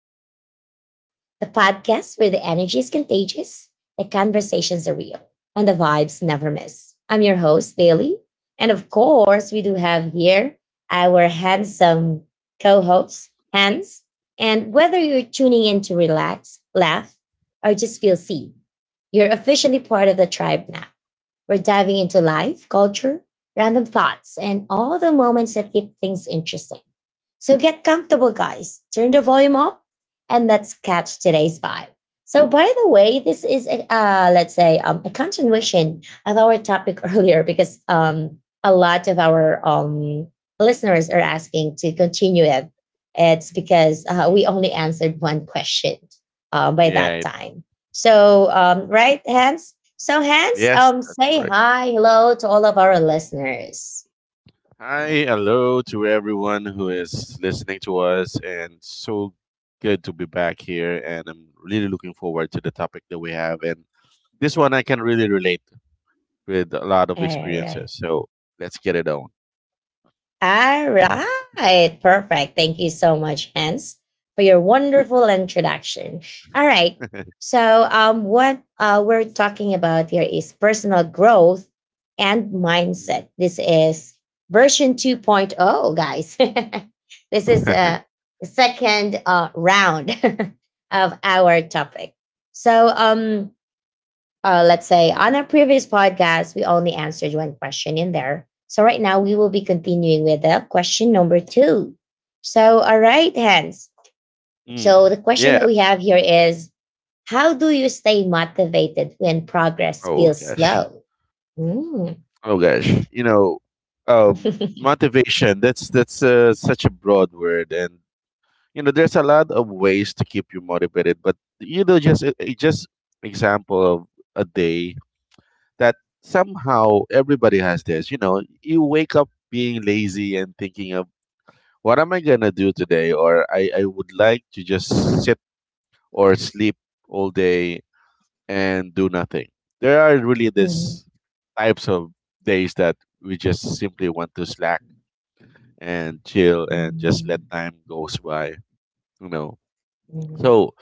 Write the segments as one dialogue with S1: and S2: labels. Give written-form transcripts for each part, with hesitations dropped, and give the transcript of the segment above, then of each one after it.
S1: to the Vibe Tribe, the podcast where the energy is contagious, the conversations are real, and the vibes never miss. I'm your host, Bailey. And of course, we do have here our handsome co host, Hans. And whether you're tuning in to relax, laugh, or just feel seen, you're officially part of the tribe now. We're diving into life, culture, random thoughts, and all the moments that
S2: Mm.
S1: keep things interesting. So get comfortable, guys. Turn the volume up and let's catch today's vibe. So, by the way, this is let's say a continuation of our topic earlier because a lot of our listeners are asking to continue it. It's because
S2: Mhm.
S1: we only answered one question by
S2: Yeah.
S1: that time.
S2: Mhm.
S1: So, right, Hans? So, Hans,
S2: Yes, that's
S1: say
S2: correct.
S1: hi, hello to all of our listeners.
S2: Hi, hello to everyone who is listening to us, and so good to be back here. And I'm really looking forward to the topic that we have. And this one I can really relate with a lot of
S1: All right.
S2: experiences. So let's get it on.
S1: All right. Perfect. Thank you so much, Hans, for your wonderful introduction. All right. So, what we're talking about here is personal growth and
S2: Mm.
S1: mindset. This is version 2.0, guys. This is a second round of our topic. So, let's say on our previous podcast, we only answered one question in there. So right now we will be continuing with the question number two. So all right, Hans.
S2: mm.
S1: So the question
S2: Yeah.
S1: that we have here is how do you stay motivated when progress
S2: Oh
S1: feels
S2: gosh.
S1: slow? Mm.
S2: Oh gosh, you know, motivation. That's such a broad word, and you know, there's a lot of ways to keep you motivated. But you know, just just example of a day that somehow everybody has this. You know, you wake up being lazy and thinking of what am I gonna do today, or I would like to just sit or sleep all day and do nothing. There are really
S1: Mhm.
S2: these types of days that we just simply want to slack and chill and just let
S1: Mhm.
S2: time goes by, you know. So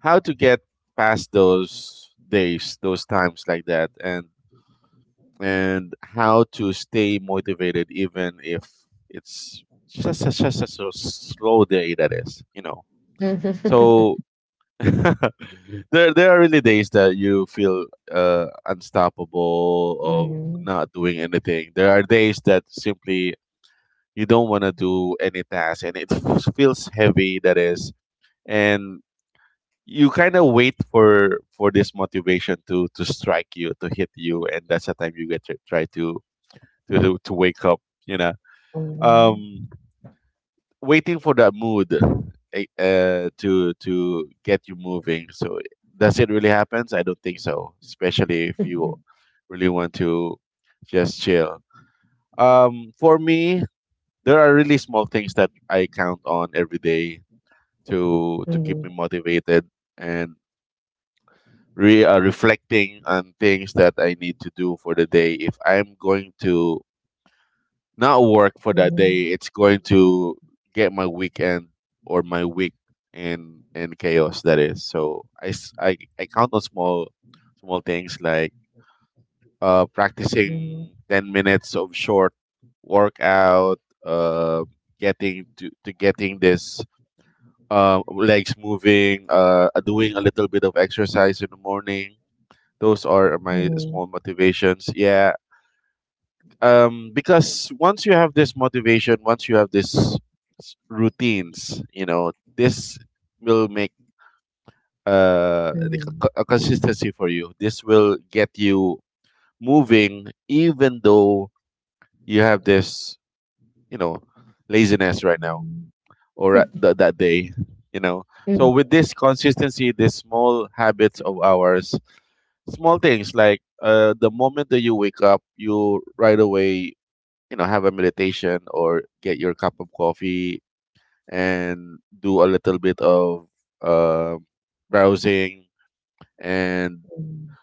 S2: how to get past those days, those times like that and how to stay motivated even if it's just a so slow day that is, you know. So there are really days that you feel unstoppable of
S1: Mhm.
S2: not doing anything. There are days that simply you don't want to do any task and it feels heavy that is and you kind of wait for this motivation to strike you to hit you and that's the time you get to try to to wake up you know
S1: Mhm, mhm.
S2: um waiting for that mood to get you moving. So does it really happens? I don't think so. Especially if you really want to just chill. For me, there are really small things that I count on every day to keep me motivated and re reflecting on things that I need to do for the day. If I'm going to not work for
S1: Mhm,
S2: that day.
S1: mhm.
S2: It's going to get my weekend or my week in chaos. That is. So I count on small things like practicing 10 minutes of short workout, uh getting to getting this legs moving, doing a little bit of exercise in the morning. Those are my
S1: Mhm,
S2: small motivations. Yeah, because once you have this motivation, once you have this routines, you know, this will make like
S1: mhm.
S2: a consistency for you. This will get you moving even though you have this, you know, laziness right now or at that day, you know. So
S1: Mhm,
S2: with this consistency, these small habits of ours, small things like the moment that you wake up you right away, you know, have a meditation or get your cup of coffee and do a little bit of uh, browsing and,
S1: mhm.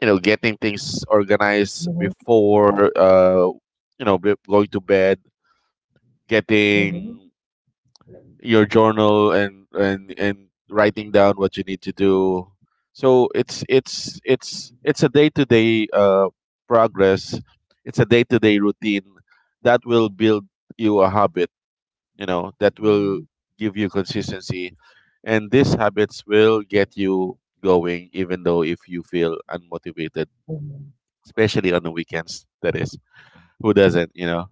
S2: you know, getting things organized
S1: Mhm, mhm.
S2: before you know going to bed,
S1: Mhm.
S2: getting your journal and writing down what you need to do. So it's a day-to-day progress. It's a day-to-day routine that will build you a habit, you know, that will
S1: Mhm.
S2: give you consistency. And these habits will get you going even though if you feel unmotivated,
S1: Mhm.
S2: especially on the weekends. That is, who doesn't, you know,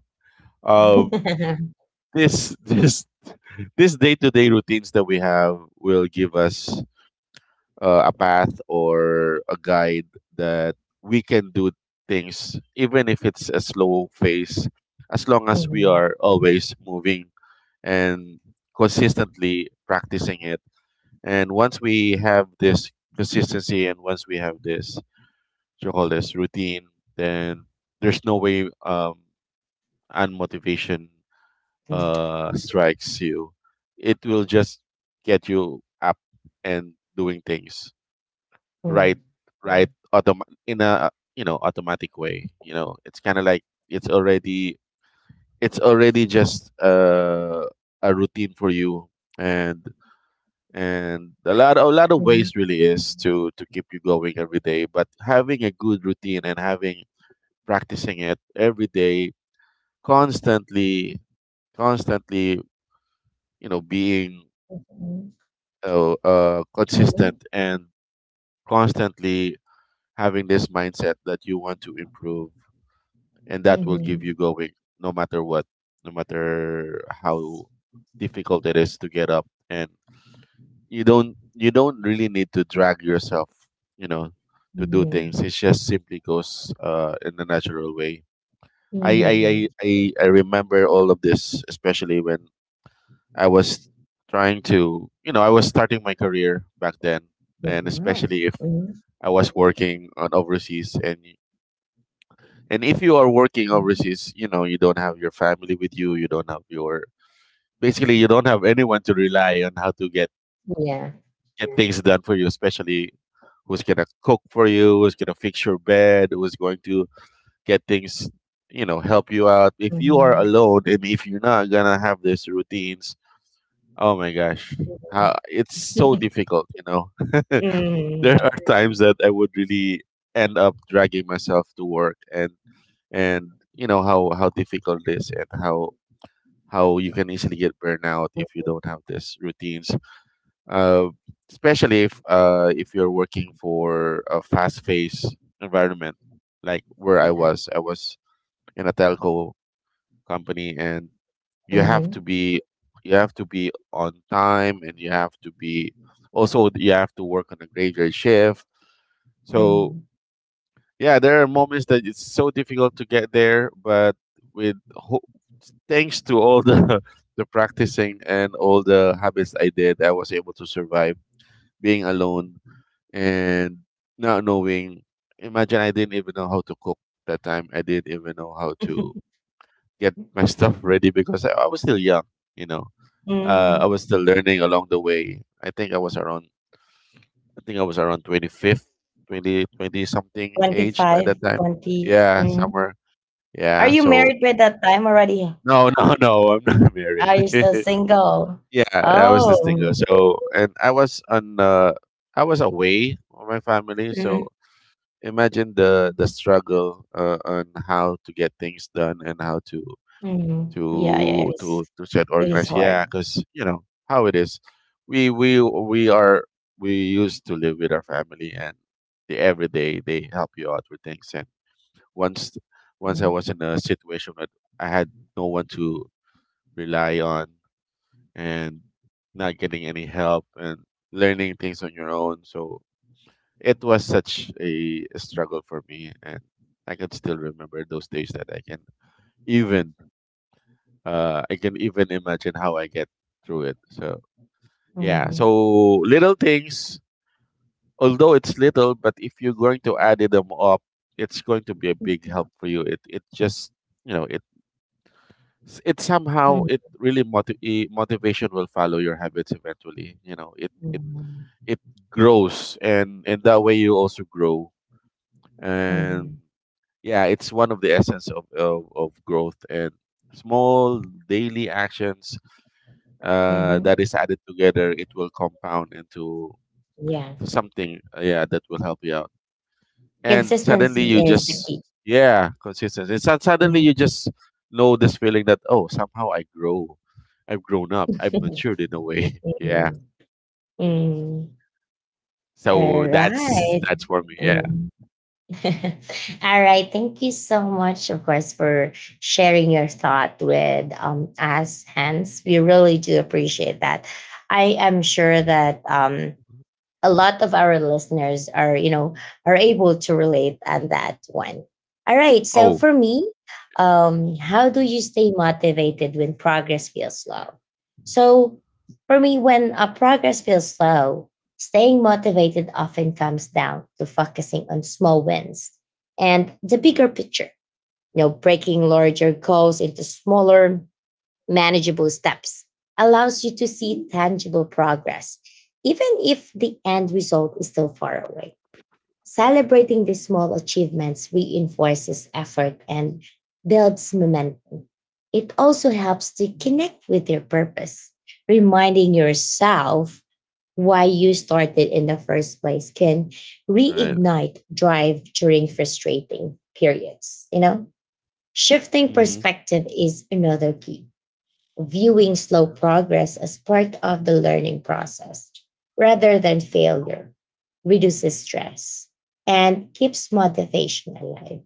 S2: uh, this this day-to-day routines that we have will give us a path or a guide that we can do things even if it's a slow pace, as long as we
S1: Mm.
S2: are always moving and consistently practicing it. And once we have this consistency and once we have this what you call this routine, then there's no way unmotivation strikes you. It will just get you up and doing things right, right. Mm. In a, you know, automatic way. You know, it's kind of like it's already, just a routine for you. And a lot, of
S1: Mm.
S2: ways really is to keep you going every day, but having a good routine and having, practicing it every day constantly, constantly, you know, being
S1: Mhm, mhm,
S2: consistent and constantly having this mindset that you want to improve, and that will give you
S1: mhm.
S2: going no matter what, no matter how difficult it is to get up. And you don't really need to drag yourself, you know,
S1: Mhm,
S2: to do things.
S1: mhm,
S2: It just simply goes in a natural way. I, I, I,
S1: mhm.
S2: I I remember all of this, especially when I was trying to, you know, I was starting my career back then,
S1: Mhm.
S2: and
S1: Wow.
S2: especially if
S1: Mhm.
S2: I was working on overseas and if you are working overseas, you know, you don't have your family with you, you don't have your, basically you don't have anyone to rely on how to get
S1: Yeah.
S2: get things done for you, especially who's gonna cook for you, who's gonna fix your bed, who's going to get things, you know, help you out. If you are
S1: Mhm.
S2: alone and if you're not gonna have these routines, oh my gosh, how,
S1: Mhm.
S2: it's so difficult, you know. There are
S1: Mhm.
S2: times that I would really end up dragging myself to work, and you know how difficult it is and how you can easily get burnout
S1: Mm.
S2: if you don't have these routines, uh, especially if you're working for a fast paced environment like where
S1: Yeah.
S2: I was in a telco company, and you have to
S1: Mhm.
S2: be, you have to be on time, and you have to be, also you have to work on a graveyard shift. So
S1: Mhm.
S2: yeah, there are moments that it's so difficult to get there, but with ho- thanks to all the the practicing and all the habits I did, I was able to survive being alone and not knowing. Imagine I didn't even know how to cook that time. I didn't even know how to get my stuff ready because I was still young. You know, I
S1: Mhm.
S2: was still learning along the way. I think I was around 25th, 20 20 something age by that
S1: 25,
S2: time.
S1: 20.
S2: Yeah,
S1: Mhm.
S2: somewhere,
S1: Are
S2: yeah.
S1: you
S2: So
S1: married by that time already?
S2: no, no, no. I'm not married.
S1: Are you still single?
S2: Yeah, that was this thing.
S1: Oh.
S2: So and I was on. I was away from my family.
S1: Mhm,
S2: So imagine the struggle on how to get things done and how to
S1: mhm. Yeah, yeah, it is.
S2: set
S1: It is
S2: organized.
S1: hard.
S2: Yeah, because you know how it is. We are, we used to live with our family, and they, every day they help you out with things. And once, I
S1: Mhm.
S2: was in a situation that I had no one to rely on and not getting any help and learning things on your own. So it was such a struggle for me, and I can still remember those days that I can even, I can even imagine how I get through it. So yeah, so
S1: Mhm.
S2: little things, although it's little, but if you're going to add them up, it's going to be a big help for you. It just, you know, it it somehow
S1: Mm,
S2: it really motivation will follow your habits eventually. You know,
S1: mm,
S2: it grows, and that way you also grow. And
S1: mm.
S2: yeah, it's one of the essence of of growth and small daily actions
S1: Mhm.
S2: that is added together. It will compound into
S1: Yeah.
S2: something, yeah, that will help you out. And suddenly
S1: Consistency
S2: you
S1: is the
S2: just,
S1: key.
S2: yeah, consistency. And suddenly
S1: Mhm.
S2: you just know this feeling that oh, somehow I grow, I've grown up, I've matured in a way. Yeah,
S1: Mhm. Mm. All
S2: so that's
S1: right.
S2: that's for me, yeah.
S1: Mm. All right. Thank you so much, of course, for sharing your thought with us, Hans. We really do appreciate that. I am sure that a lot of our listeners are, you know, are able to relate on that one. All right, so
S2: Oh.
S1: for me, how do you stay motivated when progress feels slow? So for me, when a progress feels slow, staying motivated often comes down to focusing on small wins and the
S2: Mm-hmm.
S1: bigger picture. You know, breaking larger goals into smaller manageable steps allows you to see tangible progress, even if the end result is still far away. Celebrating these small achievements reinforces effort and builds momentum. It also helps to connect with your purpose. Reminding yourself why you started in the first place can
S2: Right.
S1: reignite drive during frustrating periods. You know, shifting
S2: Mm-hmm.
S1: perspective is another key, viewing slow progress as part of the learning process rather than failure, reduces stress and keeps motivation alive.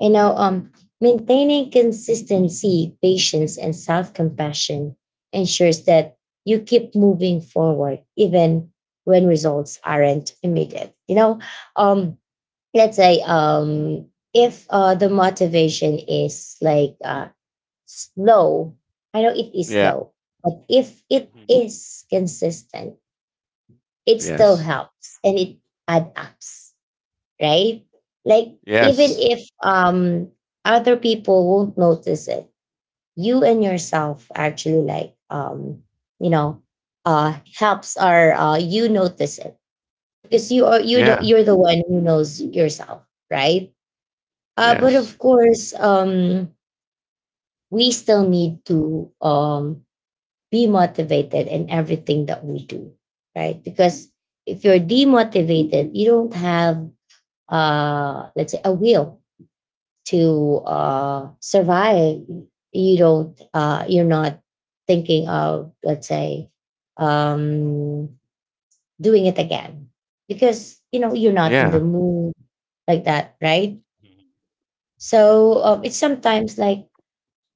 S1: You know, maintaining consistency, patience, and self compassion ensures that you keep moving forward even when results aren't immediate. Um, let's say if the motivation is like slow, I know it is
S2: Yeah.
S1: slow, but if it
S2: Mhm.
S1: is consistent, it still
S2: Yes.
S1: helps and it adds up, right? Like, even
S2: Yes.
S1: if other people won't notice it, you and yourself actually, like, you know, helps, or you notice it because you are,
S2: Yeah.
S1: you're the one who knows yourself, right? But
S2: Yes.
S1: of course, we still need to, be motivated in everything that we do, right? Because if you're demotivated, you don't have, let's say, a will to survive. You don't, you're not thinking of, let's say, um, doing it again because you know you're not in
S2: Yeah.
S1: the mood like that, right?
S2: Mhm.
S1: So it's sometimes like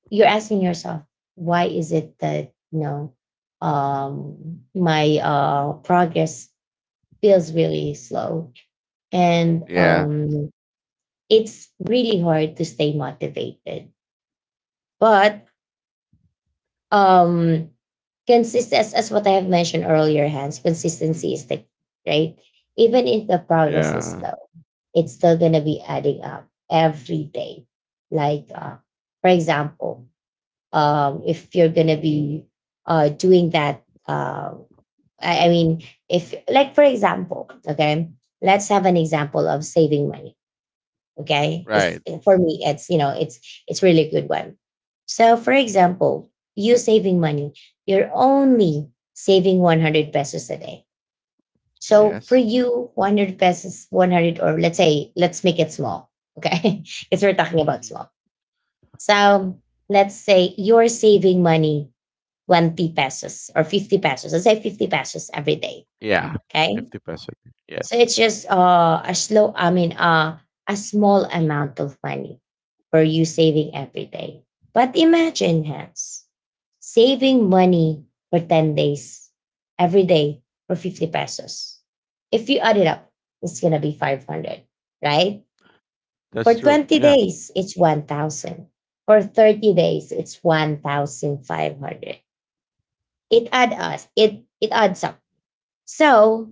S1: you're asking yourself, why is it that, you know, my progress feels really slow and
S2: Yeah.
S1: it's really hard to stay motivated? But um consist as what I have mentioned earlier, Hans, consistency is the key, right? Even if the progress is
S2: Yeah.
S1: slow, it's still going to be adding up every day. Like, for example, if you're gonna be doing that. I mean, if, like, for example, okay, let's have an example of saving money. Okay, it's
S2: Right.
S1: for me. It's, you know, it's really good one. So for example, you saving money, you're only saving 100 pesos a day. So for
S2: Yes.
S1: you, 100, or let's say, let's make it small. Okay. Because we're talking about small. So let's say you're saving money 20 pesos or 50 pesos. Let's say 50 pesos every day.
S2: Yeah.
S1: Okay.
S2: 50%.
S1: So
S2: Yes.
S1: it's just, a slow, I mean, a small amount of money for you saving every day. But imagine, Hans, saving money for 10 days, every day, for 50 pesos. If you add it up, it's going to be 500, right? For
S2: That's true,
S1: 20
S2: yeah.
S1: days, it's 1,000. For 30 days, it's 1,500. It adds up. So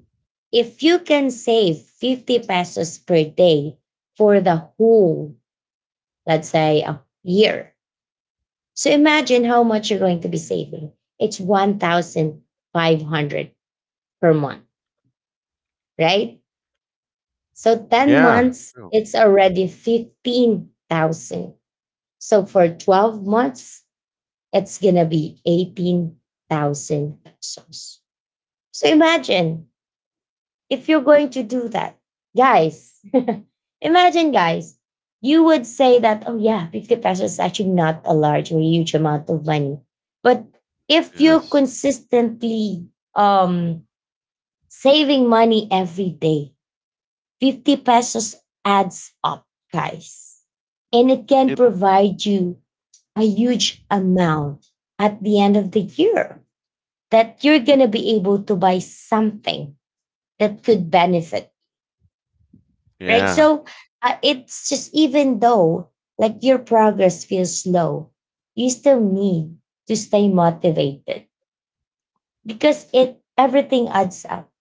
S1: if you can save 50 pesos per day for the whole, let's say, a year, so imagine how much you're going to be saving. It's 1,500 per month, right? So 10
S2: Yeah,
S1: months,
S2: true.
S1: it's
S2: Hmm.
S1: already 15,000. So for 12 months, it's gonna be 18,000 pesos. So imagine if you're going to do that, guys. Imagine, guys, you would say that, oh, yeah, 50 pesos is actually not a large or huge amount of money. But if you're
S2: Yes.
S1: consistently, um, saving money every day, 50 pesos adds up, guys. And it can
S2: It,
S1: provide you a huge amount at the end of the year that you're going to be able to buy something that could benefit, right?
S2: yeah,
S1: So it's just, even though like your progress feels slow, you still need to stay motivated because it everything adds up.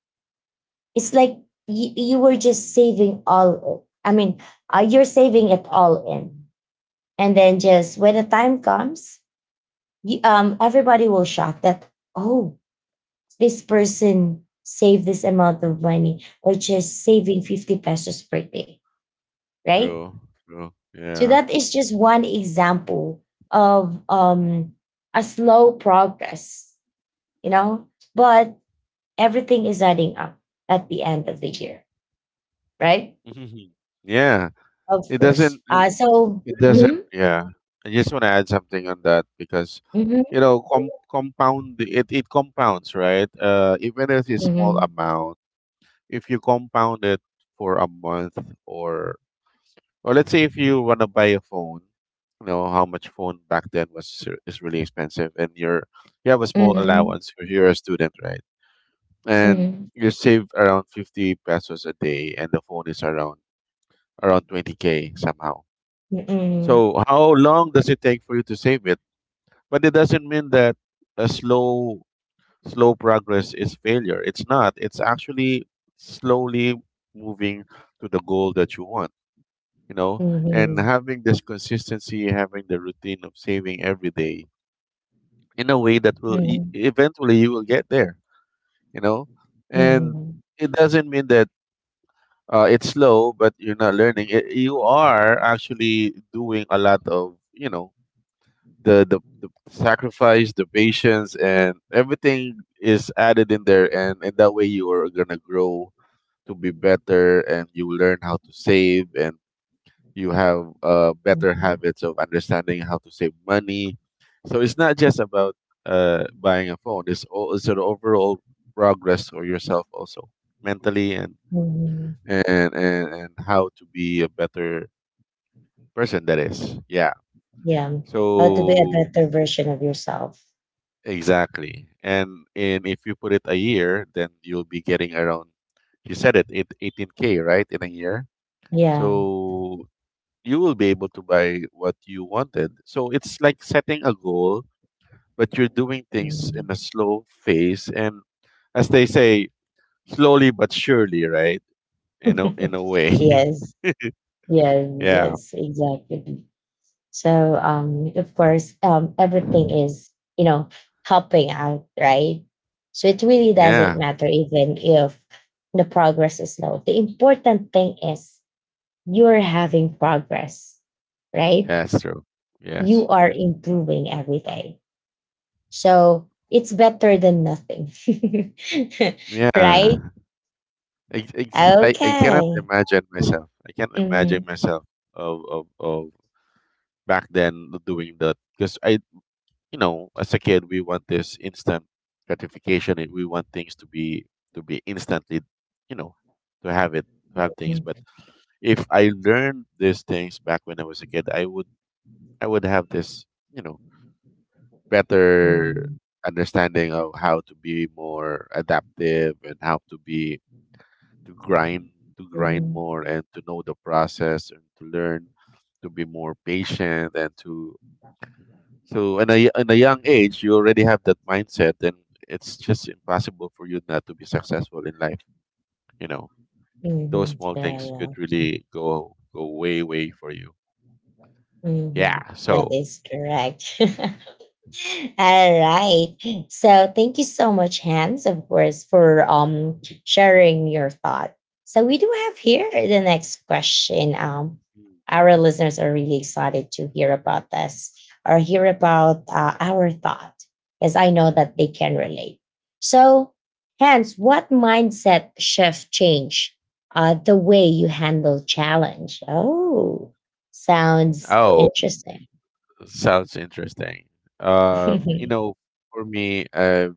S1: It's like you were just saving all. I mean, you're saving it all in, and then just when the time comes, you, everybody will shock that, oh, this person saved this amount of money or just saving 50 pesos per day, right?
S2: true. True.
S1: So
S2: Yeah.
S1: that is just one example of a slow progress, you know, but everything is adding up at the end of the year, right?
S2: Hmm. Yeah.
S1: Of
S2: It
S1: course.
S2: doesn't it,
S1: So,
S2: it
S1: mm-hmm,
S2: doesn't, yeah. I just want to add something on that because
S1: mm-hmm,
S2: you know, compound it, it compounds, right? Even if it's a small
S1: mm-hmm,
S2: amount, if you compound it for a month or or let's say if you want to buy a phone, you know how much phone back then was, is really expensive, and you're, you have a small allowance because you're a student, right? And
S1: mm-hmm,
S2: you save around 50 pesos a day, and the phone is around, around 20K somehow.
S1: mm-hmm,
S2: So how long does it take for you to save it? But it doesn't mean that a slow, slow progress is failure. It's not. It's actually slowly moving to the goal that you want, you know. And
S1: mm-hmm,
S2: having this consistency, having the routine of saving every day, in a way that will
S1: mm-hmm,
S2: eventually you will get there, you know. And
S1: mm-hmm,
S2: it doesn't mean that it's slow, but you're not learning. It, you are actually doing a lot of, the sacrifice, the patience, and everything is added in there, and in that way you are gonna grow to be better, and you learn how to save, and you have better habits of understanding how to save money. So it's not just about buying a phone. It's all it's an overall progress for yourself also mentally and
S1: mm-hmm.
S2: and and and how to be a better person that is yeah
S1: Yeah, how to be a
S2: so.
S1: better version of yourself.
S2: Exactly. And if you put it a year, then you'll be getting around, you said it, 18k, right, in a year,
S1: Yeah.
S2: so you will be able to buy what you wanted. So it's like setting a goal, but you're doing things
S1: Mm.
S2: in a slow phase. And as they say, slowly but surely, right, in a in a way.
S1: Yes. Yes.
S2: Yeah,
S1: Yes. Exactly. So of course, everything is, you know, helping out, right? So it really doesn't
S2: yeah.
S1: matter even if the progress is slow. The important thing is you're having progress,
S2: Yeah,
S1: right?
S2: that's true. Yes.
S1: You are improving every day. So it's better than nothing, right?
S2: Yeah. I cannot
S1: Okay.
S2: imagine myself. I can't imagine
S1: Mhm.
S2: myself of back then doing that. Because I, you know, as a kid, we want this instant gratification. And We want things to be instantly, you know, to have it, to have things. But
S1: Mhm.
S2: if I learned these things back when I was a kid, I would have this, you know, better
S1: Mhm.
S2: understanding of how to be more adaptive and how to be to grind to grind
S1: Mhm.
S2: more, and to know the process, and to learn to be more patient, and to. So in a young age, you already have that mindset, then it's just impossible for you not to be successful in life, you know. Those
S1: Mhm.
S2: small
S1: Yeah,
S2: things could
S1: yeah.
S2: really go way for you.
S1: Mhm.
S2: Yeah,
S1: That
S2: so.
S1: is correct. All right. So thank you so much, Hans, of course, for sharing your thought. So we do have here the next question. Our listeners are really excited to hear about this or hear about our thought, as I know that they can relate. So, Hans, what mindset shift change the way you handle challenge? Oh, sounds
S2: Oh,
S1: interesting.
S2: sounds interesting. You know, for me,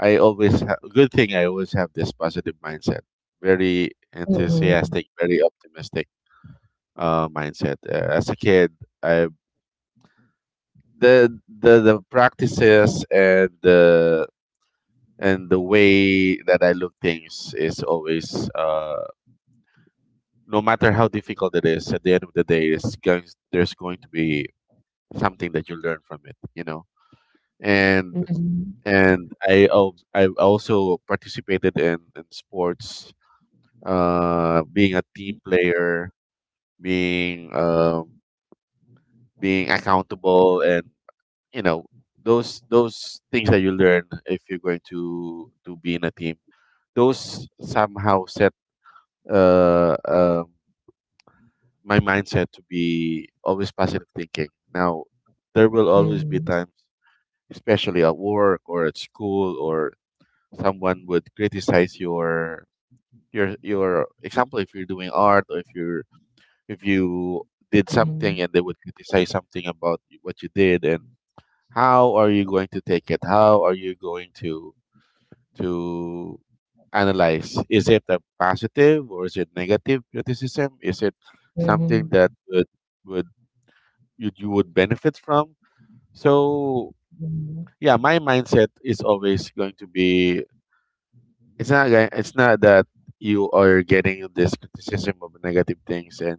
S2: I always have good thing. I always have this positive mindset, very
S1: Mhm.
S2: enthusiastic, very optimistic mindset. As a kid, I the practices and the way that I look things is always no matter how difficult it is. At the end of the day, it's going, there's going to be something that you learn from it, you know. And
S1: Mhm.
S2: I also participated in sports, being a team player, being being accountable, and you know those things that you learn if you're going to be in a team. Those somehow set uh, um my mindset to be always positive thinking. Now, there will always be
S1: Mhm,
S2: times, especially at work or at school, or someone would criticize your your example if you're doing art, or if you're if you did something
S1: mhm,
S2: and they would criticize something about what you did. And how are you going to take it? How are you going to analyze, is it a positive or is it negative criticism? Is it something
S1: mhm,
S2: that would you, you would benefit from? So
S1: mhm,
S2: yeah, my mindset is always going to be, it's not that you are getting this criticism of negative things and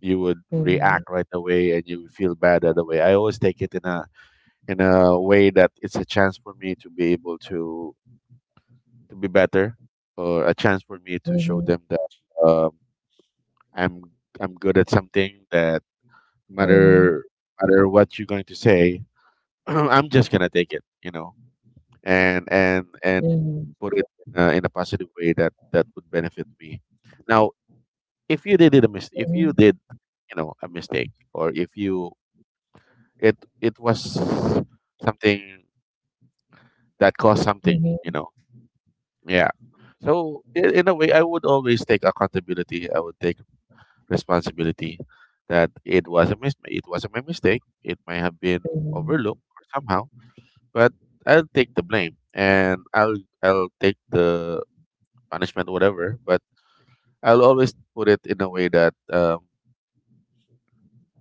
S2: you would
S1: mhm,
S2: react right away and you feel bad right away. I always take it in a way that it's a chance for me to be able to be better, or a chance for me to show
S1: mhm,
S2: them that um, I'm I'm good at something, that no
S1: mhm,
S2: matter
S1: mhm.
S2: no matter what you're going to say, I'm just gonna take it, you know, and
S1: mhm, mhm,
S2: put it in a positive way that that would benefit me. Now, if you did it a mis- if you did, you know, a mistake, or if you it it was something that caused something, you
S1: mhm,
S2: know. Yeah, so in a way, I would always take accountability. I would take responsibility that it was my mistake. It might have been
S1: mhm,
S2: overlooked somehow, but I'll take the blame, and I'll take the punishment, whatever. But I'll always put it in a way that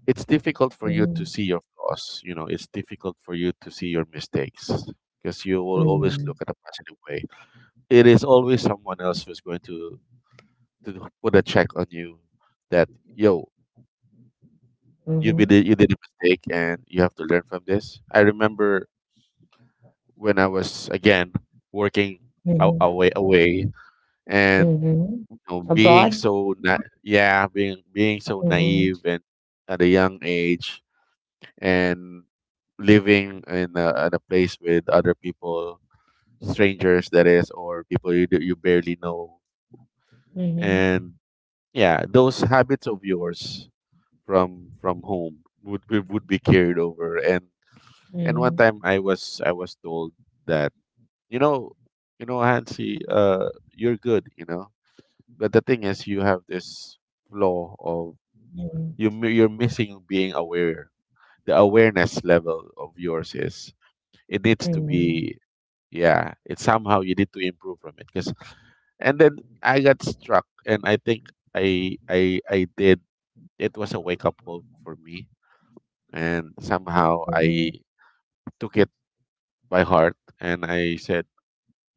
S2: it's difficult for you to see your flaws. You know, it's difficult for you to see your mistakes, because you will always
S1: mhm,
S2: look at a positive way. It is always someone else who's going to put a check on you, that yo, you did a mistake and you have to learn from this. I remember when I was, again, working
S1: mhm,
S2: away and
S1: mhm, mhm.
S2: you know,
S1: Abroad?
S2: yeah, being so
S1: Mhm,
S2: naive and at a young age, and living in a, at a place with other people, strangers, that is, or people you barely know,
S1: mhm,
S2: and yeah, those habits of yours from home would be carried over. And one
S1: mhm,
S2: time I was told that you know, you know, Hansi, you're good, you know, but the thing is you have this flaw of
S1: mhm,
S2: you're missing being aware. The awareness level of yours is it needs
S1: mhm,
S2: to
S1: mhm,
S2: be, yeah, it's somehow you need to improve from it because. And then I got struck, and I think I did, it was a wake up call for me, and somehow
S1: mhm,
S2: I took it by heart, and I said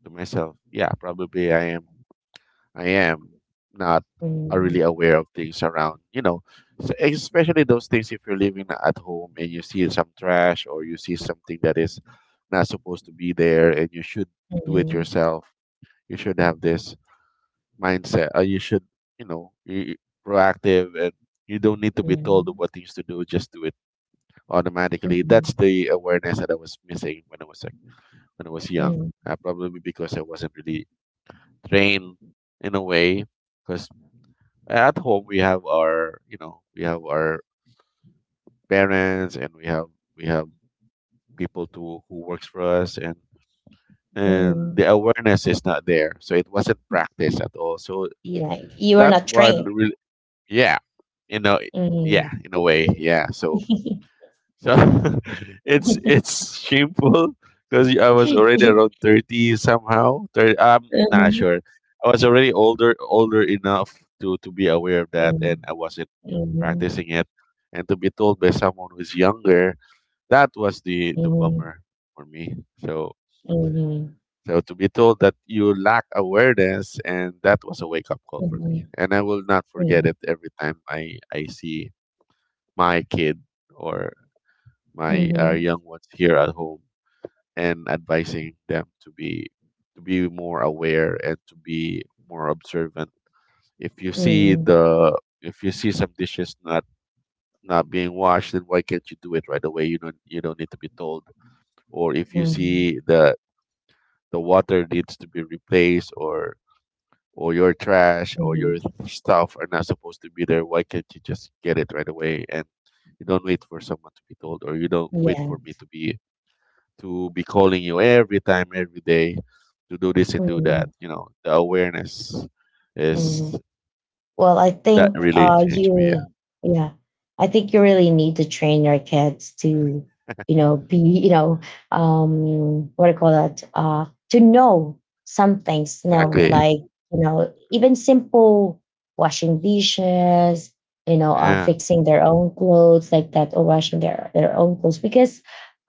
S2: to myself, yeah, probably I am, I am not really
S1: mhm,
S2: aware of things around, you know. So, especially those things, if you're living at home and you see some trash, or you see something that is not supposed to be there, and you should do it yourself, you should have this mindset. You should, you know, you proactive, and you don't need to be told
S1: mhm,
S2: what things to do. Just do it automatically. That's
S1: mhm,
S2: the awareness that I was missing when I was like, when I was young.
S1: mhm,
S2: Probably because I wasn't really trained in a way. Because at home we have our, you know, we have our parents, and we have people to who works for us, and
S1: mhm.
S2: the awareness is not there, so it wasn't practiced at all. So
S1: Yeah, you are
S2: that
S1: not
S2: one
S1: trained.
S2: really, yeah, you know, yeah, in a way, yeah, so so. It's shameful, because I was already around 30 somehow, 30, I'm not
S1: Mhm.
S2: sure. I was already older enough to be aware of that, and
S1: Mhm,
S2: I wasn't
S1: mhm, mhm.
S2: practicing it. And to be told by someone who's younger, that was the
S1: Mhm,
S2: bummer for me. So
S1: mhm,
S2: so to be told that you lack awareness, and that was a wake up call for
S1: mhm,
S2: me, and I will not forget
S1: mhm,
S2: it. Every time I see my kid, or my
S1: mhm,
S2: young ones here at home, and advising them to be more aware and to be more observant. If you see
S1: mhm,
S2: the if you see some dishes not not being washed, then why can't you do it right away? You don't need to be told. Or if you
S1: mhm,
S2: see the water needs to be replaced, or your trash or your
S1: mhm.
S2: stuff are not supposed to be there, why can't you just get it right away? And you don't wait for someone to be told, or you don't wait
S1: Yeah,
S2: for me to be calling you every time every day to do this and do that.
S1: mhm,
S2: You know, the awareness is
S1: mhm. Well, I
S2: that
S1: think
S2: really changed me. Yeah.
S1: yeah, I think you really need to train your kids to, you know, be, you know, what do you call that? To know some things, you know,
S2: Exactly.
S1: like, you know, even simple washing dishes, you know,
S2: Yeah.
S1: fixing their own clothes like that, or washing their own clothes, because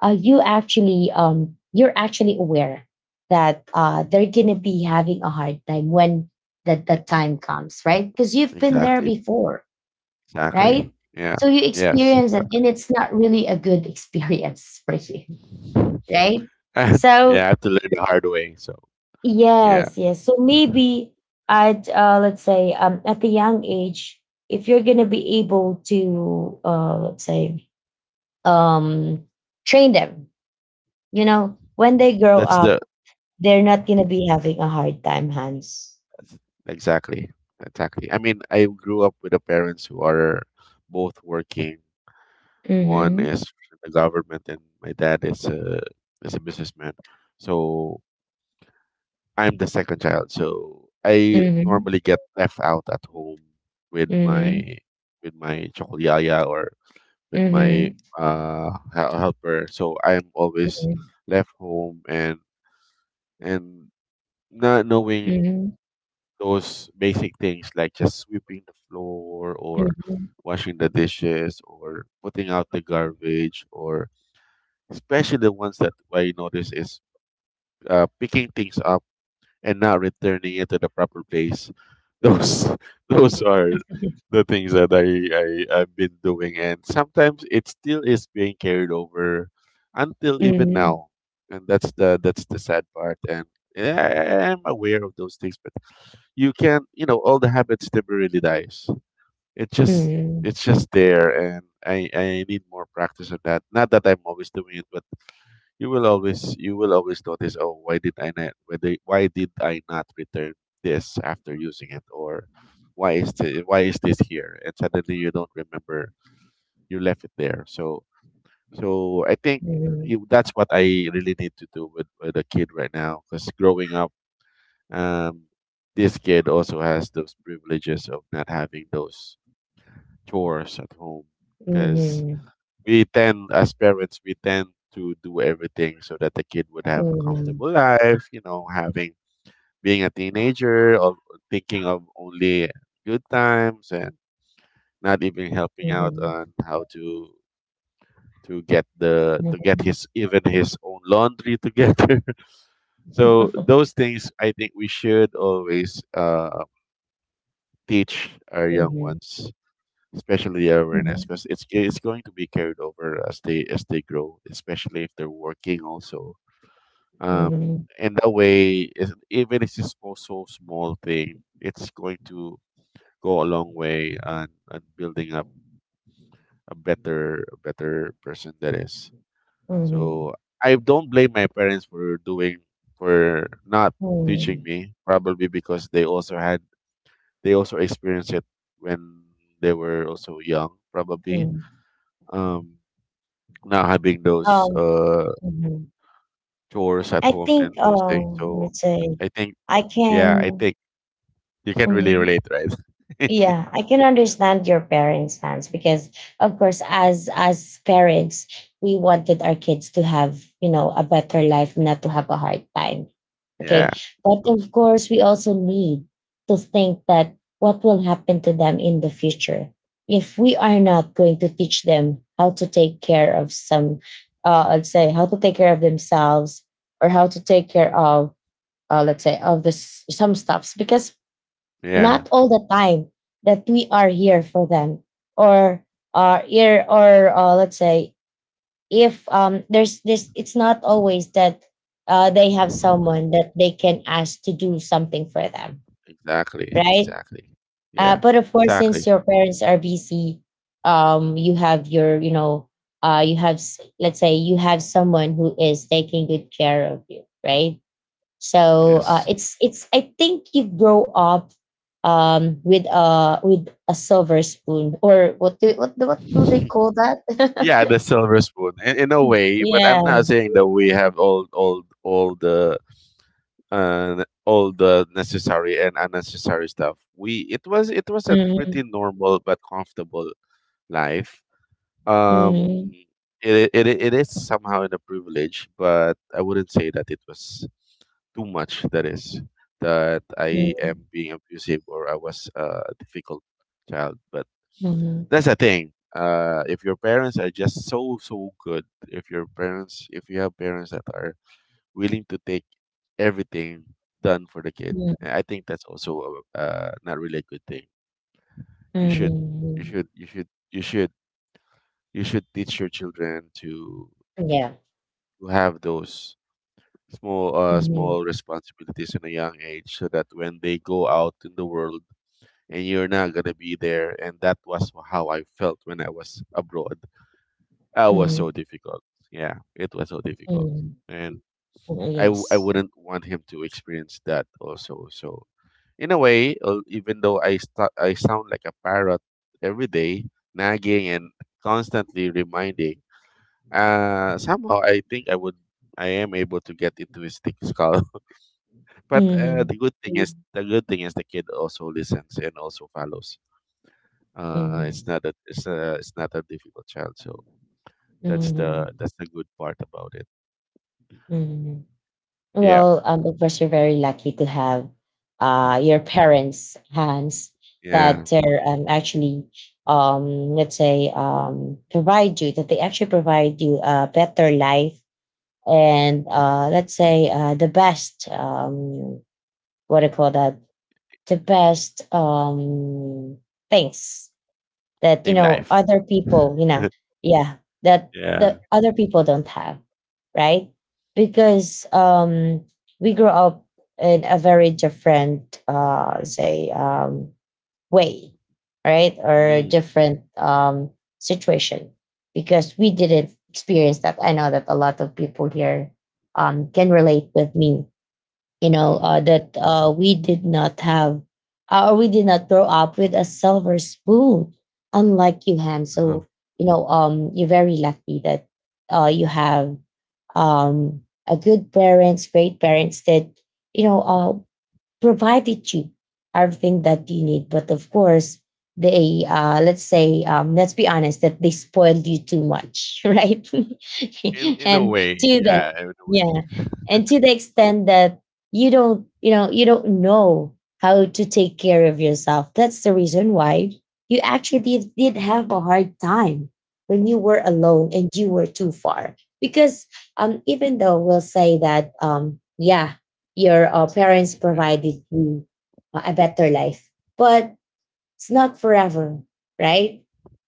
S1: you actually, you're actually aware that they're going to be having a hard time when that
S2: Ex-
S1: time comes, right? Because you've been there
S2: Exactly.
S1: before,
S2: Exactly.
S1: right?
S2: Yeah.
S1: So you
S2: Yes,
S1: experience it, and
S2: exactly.
S1: it's not really a good experience for you, right?
S2: And yeah,
S1: So,
S2: I have to learn the hard way. So yeah,
S1: yes, yes. So maybe at let's say at the young age, if you're gonna be able to let's say um train them, you know, when they grow
S2: that's the.
S1: up, they're
S2: Mm-hmm.
S1: not gonna be having a hard time, Hans.
S2: Exactly. Exactly. I mean, I grew up with the parents who are both working. One
S1: Mm-hmm.
S2: is in the government, and my dad is a businessman. So I'm the second child. So I
S1: Mm-hmm.
S2: normally get left out at home with
S1: Mm-hmm.
S2: my with my chokolyaya, or with my
S1: Mm-hmm.
S2: helper. So I'm always
S1: Mm-hmm.
S2: left home, and not knowing
S1: Mm-hmm.
S2: those basic things like just sweeping the floor, or
S1: Mhm.
S2: washing the dishes, or putting out the garbage, or especially the ones that I notice is, picking things up and not returning it to the proper place. Those those are
S1: Mhm.
S2: the things that I, I've been doing, and sometimes it still is being carried over until even
S1: Mhm.
S2: now, and that's the sad part. And yeah, I- am aware of those things, but you can't, you know, all the habits never really dies, it just
S1: Mhm.
S2: it's just there, and I need more practice on that. Not that I'm always doing it, but you will always notice, oh, why did I not, whether why did I not return this after using it, or why is the? Why is this here? And suddenly you don't remember you left it there. So I think that's what I really need to do with a kid right now because growing up, um, this kid also has those privileges of not having those chores at home because
S1: Mhm.
S2: we tend as parents we tend to do everything so that the kid would have a
S1: Mhm.
S2: comfortable life, you know, having being a teenager of thinking of only good times and not even helping out on
S1: Mhm.
S2: how to get
S1: Mhm.
S2: his even his own laundry together so those things I think we should always teach our young
S1: Mhm.
S2: ones, especially their awareness
S1: Mhm.
S2: because it's going to be carried over as they grow, especially if they're working also. um
S1: Mhm.
S2: and even if it's small, so small thing, it's going to go a long way on building up a better person that is.
S1: Mhm.
S2: So I don't blame my parents for doing, for not teaching
S1: Mhm.
S2: me, probably because they also experienced it when they were also young probably.
S1: Mhm.
S2: um Not having those
S1: Um, mhm.
S2: chores at
S1: I
S2: home and
S1: think,
S2: those things. So
S1: let's say
S2: I think,
S1: I
S2: yeah, I
S1: can
S2: think you can really
S1: Mhm.
S2: relate, right?
S1: Yeah, I can understand your parents' stance because, of course, as parents, we wanted our kids to have, you know, a better life, not to have a hard time.
S2: Yeah.
S1: Okay, but
S2: Those,
S1: of course, we also need to think that what will happen to them in the future if we are not going to teach them how to take care of some, let's say, how to take care of themselves or how to take care of, let's say, of this some stuffs because
S2: yeah.
S1: not all the time that we are here for them or are here or let's say if there's this it's not always that they have someone that they can ask to do something for them,
S2: Exactly.
S1: right.
S2: Exactly. Yeah.
S1: But of course, since
S2: Exactly.
S1: your parents are busy, you have your you have let's say you have someone who is taking good care of you, right? So
S2: Yes.
S1: it's I think you grow up, with a silver spoon, or what do they call that?
S2: Yeah, the silver spoon. In a way, but I'm not
S1: Yeah.
S2: saying that we have all the and all the necessary and unnecessary stuff. We, it was a pretty
S1: Mhm.
S2: normal but comfortable life. Um,
S1: Mhm.
S2: it is somehow in a privilege, but I wouldn't say that it was too much. That is, that I
S1: Mhm.
S2: am being abusive or I was a difficult child. But
S1: Mhm.
S2: that's the thing. If your parents are just so so good, if your parents, if you have parents that are willing to take everything done for the kid. And
S1: Mhm.
S2: I think that's also a, not really a good thing. You should, you
S1: Mhm.
S2: should, you should, you should, you should teach your children to
S1: Yeah.
S2: to have those small,
S1: Mhm.
S2: small responsibilities in a young age, so that when they go out in the world and you're not gonna be there. And that was how I felt when I was abroad. I was so
S1: Mhm.
S2: difficult. Yeah, it was so difficult.
S1: Mhm.
S2: And
S1: Mhm.
S2: I
S1: Yes.
S2: wouldn't want him to experience that also. So, in a way, even though I sound like a parrot every day, nagging and constantly reminding, somehow I think I am able to get into his thick skull. But
S1: Mhm.
S2: the good thing is Mm. the good thing is the kid also listens and also follows. It's
S1: Mhm.
S2: not a it's a it's not a difficult child. So
S1: Mhm.
S2: that's the good part about it.
S1: Mhm.
S2: Yeah,
S1: Well, of course, you're very lucky to have your parents' hands that
S2: yeah,
S1: they're actually, let's say, provide you, that they actually provide you a better life and,
S2: mhm.
S1: let's say, the best, what do you call that, the best, things that
S2: In life.
S1: other people yeah, that
S2: Yeah.
S1: the other people don't have, right? Because we grew up in a very different, say, way, right? Or a
S2: Mm,
S1: different, situation, because we didn't experience that. I know that a lot of people here can relate with me,
S2: mhm.
S1: that we did not have or we did not grow up with a silver spoon, unlike you, Han. So,
S2: Wow.
S1: you're very lucky that you have a good parents, great parents that, you know, uh, provided you everything that you need. But of course, they let's say, let's be honest that they spoiled you too much, right?
S2: In a
S1: and to
S2: way,
S1: the
S2: yeah, in a
S1: Yeah,
S2: way,
S1: and to the extent that you don't, you don't know how to take care of yourself. That's the reason why you actually did have a hard time when you were alone and you were too far, because even though we'll say that yeah, your parents
S2: yeah.
S1: provided you a better life, but it's not forever, right?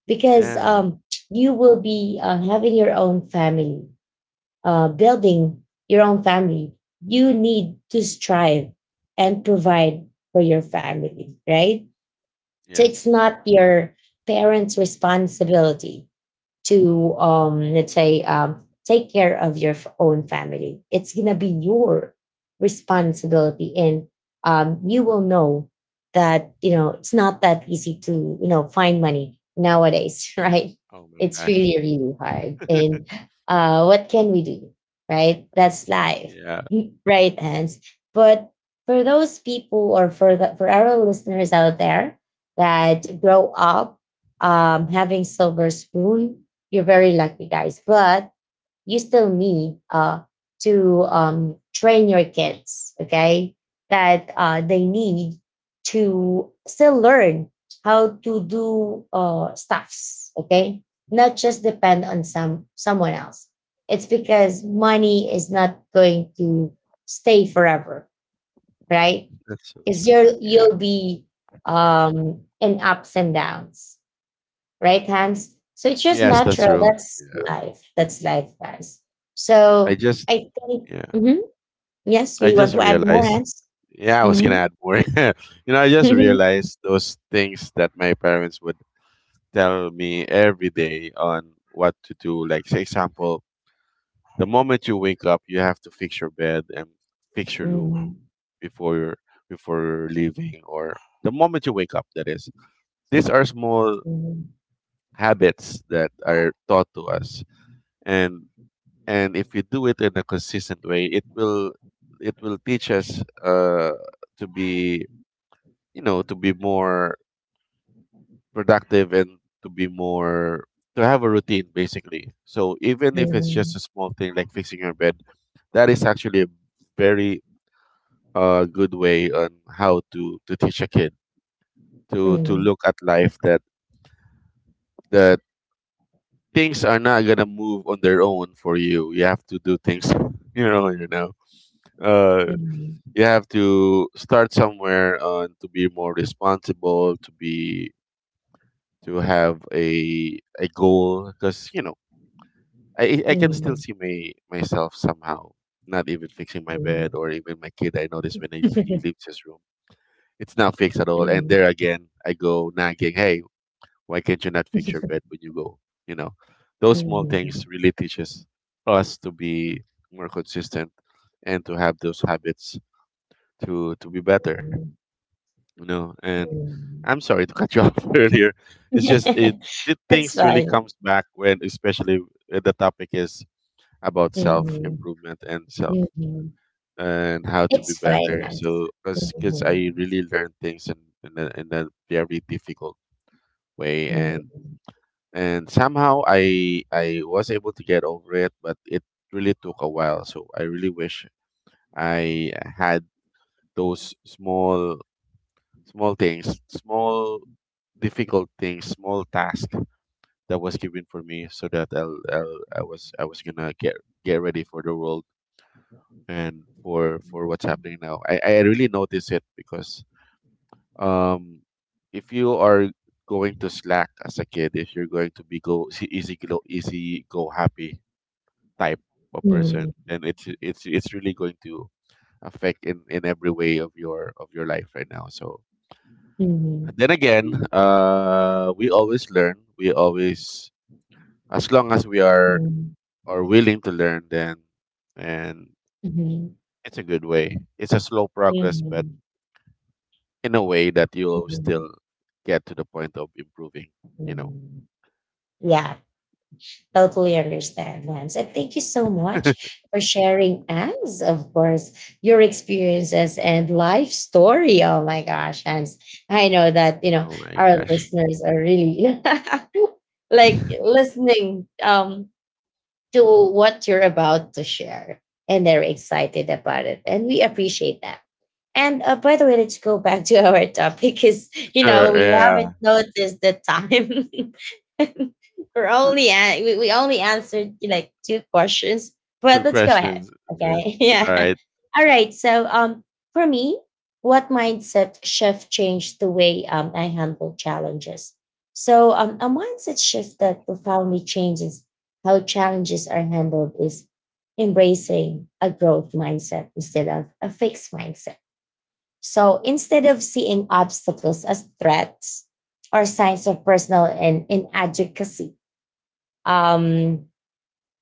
S1: Because
S2: Yeah,
S1: you will be having your own family, building your own family. You need to strive and provide for your family, right? So it's
S2: yes.
S1: not your parents responsibility to let's say take care of your own family. It's gonna be your responsibility, and you will know that, it's not that easy to, find money nowadays, right?
S2: Oh my
S1: It's
S2: gosh,
S1: really really hard, and what can we do, right? That's life.
S2: yeah,
S1: Right, Hans? But for those people, or for the for our listeners out there that grow up having silver spoon, you're very lucky, guys. But you still need to train your kids, okay? That they need to still learn how to do stuffs, okay? Not just depend on someone else. It's because money is not going to stay forever, right?
S2: that's so
S1: Because
S2: true. Yeah.
S1: you'll be in ups and downs, right hands. So it's just
S2: Yes, that's
S1: natural.
S2: true.
S1: That's
S2: Yeah.
S1: life. That's life, guys.
S2: I
S1: So
S2: just
S1: I think,
S2: Yeah,
S1: mhm, yes,
S2: I
S1: we want
S2: just
S1: to add more
S2: realized
S1: hands.
S2: yeah, I was gonna
S1: Hmm.
S2: add more. You know, I just realized those things that my parents would tell me every day on what to do. Like, for example, the moment you wake up, you have to fix your bed and fix your room
S1: Mhm,
S2: before leaving or the moment you wake up. That is, these are small
S1: mhm,
S2: habits that are taught to us, and and if we do it in a consistent way, it will teach us to be, you know, to be more productive and to be more to have a routine basically. So even if it's just a
S1: mhm,
S2: small thing like fixing your bed, that is actually a very good way on how to teach a kid to
S1: mhm,
S2: look at life, that that things are not gonna move on their own for you. You have to do things. You know. Uh
S1: mhm,
S2: you have to start somewhere on to be more responsible, to be to have a goal, because you know I can still
S1: mhm,
S2: see my myself somehow not even fixing my bed,
S1: mhm,
S2: or even my kid. I notice when he leaves his room, it's not fixed at all. And
S1: mhm,
S2: there again, I go nagging, "Hey, why can't you not fix your bed when you go?" You know, those small things
S1: mhm,
S2: really teaches us to be more consistent and to have those habits to be better.
S1: mhm,
S2: You know. And
S1: mhm.
S2: I'm sorry to cut you off earlier. It's just it, it,
S1: That's
S2: things really
S1: fine.
S2: comes back when, especially when the topic is about self
S1: Mhm,
S2: improvement and self
S1: mhm.
S2: and how to be
S1: It's fine,
S2: better.
S1: guys.
S2: So, because
S1: Mhm,
S2: I really learned things in a very difficult way,
S1: mhm,
S2: and somehow I was able to get over it, but it really took a while. So I really wish I had those small things, small difficult things, small task that was given for me, so that I was gonna get ready for the world and for what's happening now. I really notice it because um if you are going to slack as a kid, if you're going to be go easy, go happy type of
S1: mhm,
S2: person, and it's really going to affect in every way of your life right now. So
S1: mhm,
S2: then again, we always, as long as we
S1: mhm,
S2: are willing to learn, then and
S1: mhm,
S2: it's a good way. It's a slow progress, but
S1: mhm,
S2: in a way that you'll
S1: mhm,
S2: still get to the point of improving, you know.
S1: mhm. Yeah, totally understand, Lance. And thank you so much for sharing, as of course, your experiences and life story. Oh my gosh, Hans. I know that, you know,
S2: Oh my
S1: our
S2: gosh.
S1: listeners are really like listening to what you're about to share. And they're excited about it. And we appreciate that. And by the way, let's go back to our topic because, you know,
S2: Sure,
S1: we
S2: yeah.
S1: haven't noticed the time. We're only, we only answered like two questions, but
S2: Two
S1: let's go ahead.
S2: questions. Sure.
S1: Okay.
S2: All
S1: Yeah.
S2: right.
S1: All right. So, for me, what mindset shift changed the way, I handle challenges? So, a mindset shift that profoundly changed how challenges are handled is embracing a growth mindset instead of a fixed mindset. So instead of seeing obstacles as threats or signs of personal and inadequacy, um,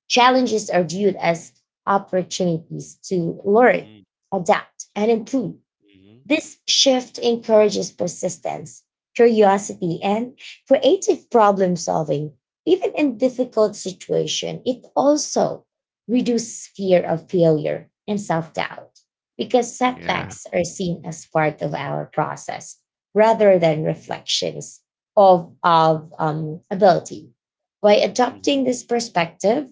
S1: challenges are viewed as opportunities to learn, adapt, and improve.
S2: Mm-hmm.
S1: This shift encourages persistence, curiosity, and creative problem solving. Even in difficult situations, it also reduces fear of failure and self-doubt because
S2: Yeah.
S1: setbacks are seen as part of our process rather than reflections of, ability. By adopting this perspective,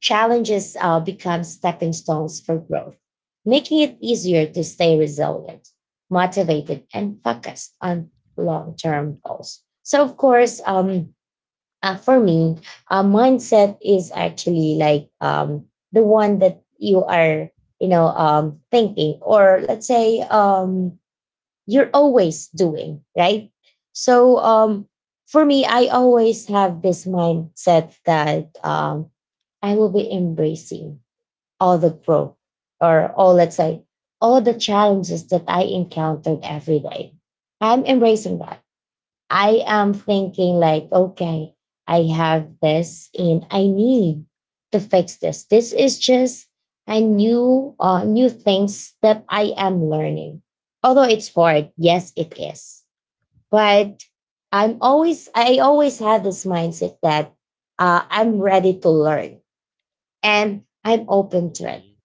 S1: challenges become stepping stones for growth, making it easier to stay resilient, motivated, and focused on long term goals. So, of course, for me, mindset is actually like, the one that you are, you know, thinking, or let's say, you're always doing, right? So, for me, I always have this mindset that, I will be embracing all the growth, or all, let's say, all the challenges that I encountered every day. I'm embracing that. I am thinking like, okay, I have this and I need to fix this. This is just a new, new things that I am learning. Although it's hard, yes, it is. But I always had this mindset that, I'm ready to learn and I'm open to it,
S2: Mhm.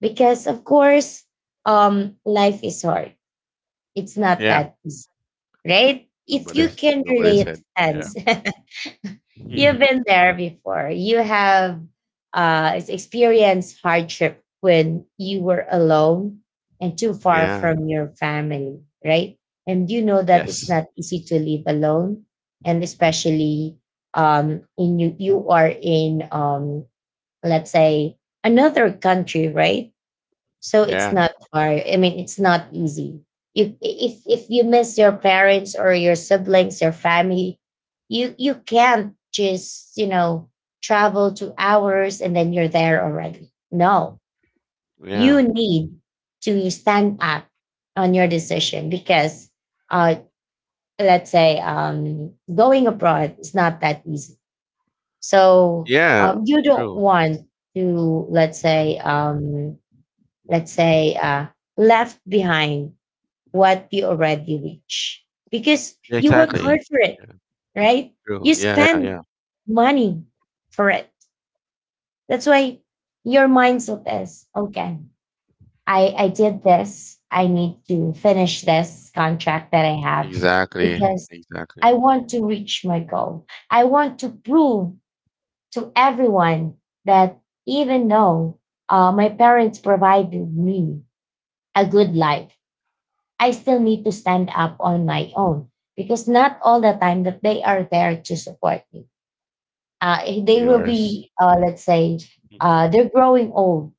S1: because of course, life is hard. It's not
S2: Yeah. Correct.
S1: that easy, right? If you
S2: Nobody's
S1: can
S2: nobody
S1: relate,
S2: said. Yeah.
S1: hands. You've
S2: Mhm.
S1: been there before. You have experienced hardship when you were alone and too far
S2: Yeah.
S1: from your family, right? And you know that it's not
S2: Yes.
S1: easy to live alone, and especially in you are in, let's say, another country, right? So it's
S2: Yeah.
S1: not hard, I mean, it's not easy. You, if you miss your parents or your siblings, your family, you can't just, you know, travel 2 hours and then you're there already. No, you
S2: Yeah.
S1: need to stand up on your decision because, uh let's say, going abroad is not that easy. So
S2: Yeah.
S1: you don't
S2: True.
S1: want to, let's say,
S2: Mhm.
S1: let's say, left behind what you already reach because
S2: Yeah,
S1: you work hard
S2: exactly.
S1: for it,
S2: Yeah.
S1: right?
S2: True.
S1: You
S2: Yeah. Yeah.
S1: spend
S2: Yeah.
S1: money for it. That's why your mindset is, okay, I did this. I need to finish this contract that I have
S2: Exactly.
S1: because I
S2: Exactly.
S1: want to reach my goal. I want to prove to everyone that, even though my parents provided me a good life, I still need to stand up on my own, because not all the time that they are there to support me. They will
S2: Yours.
S1: be, let's say,
S2: Mhm.
S1: they're growing old,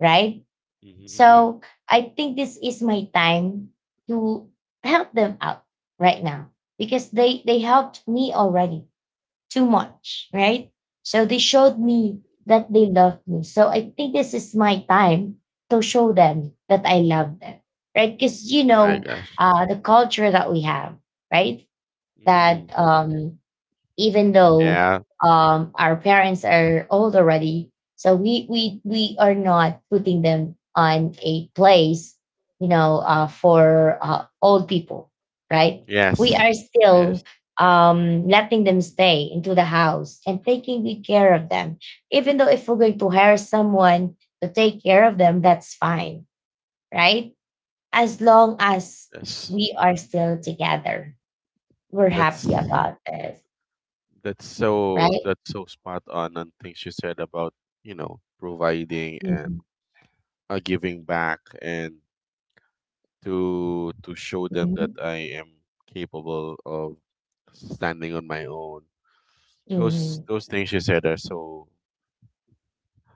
S1: right?
S2: Mhm. Mhm.
S1: So I think this is my time to help them out right now, because they helped me already too much, right? So they showed me that they love me. So I think this is my time to show them that I love them, right? Because you
S2: Oh my
S1: know,
S2: gosh.
S1: the culture that we have, right? That
S2: Mm.
S1: even though
S2: Yeah.
S1: our parents are old already. So we are not putting them on a place, you know, for old people, right? We
S2: Yes.
S1: are
S2: Yes.
S1: still letting them stay into the house and taking good care of them. Even though if we're going to hire someone to take care of them, that's fine, right? As long as
S2: Yes.
S1: we are still together, we're
S2: That's
S1: happy about this,
S2: that's so,
S1: right?
S2: that's so spot on things you said about, you know, providing and
S1: Mm-hmm.
S2: giving back, and to show them that
S1: Mhm.
S2: I am capable of standing on my own.
S1: Mhm.
S2: Those things you said are so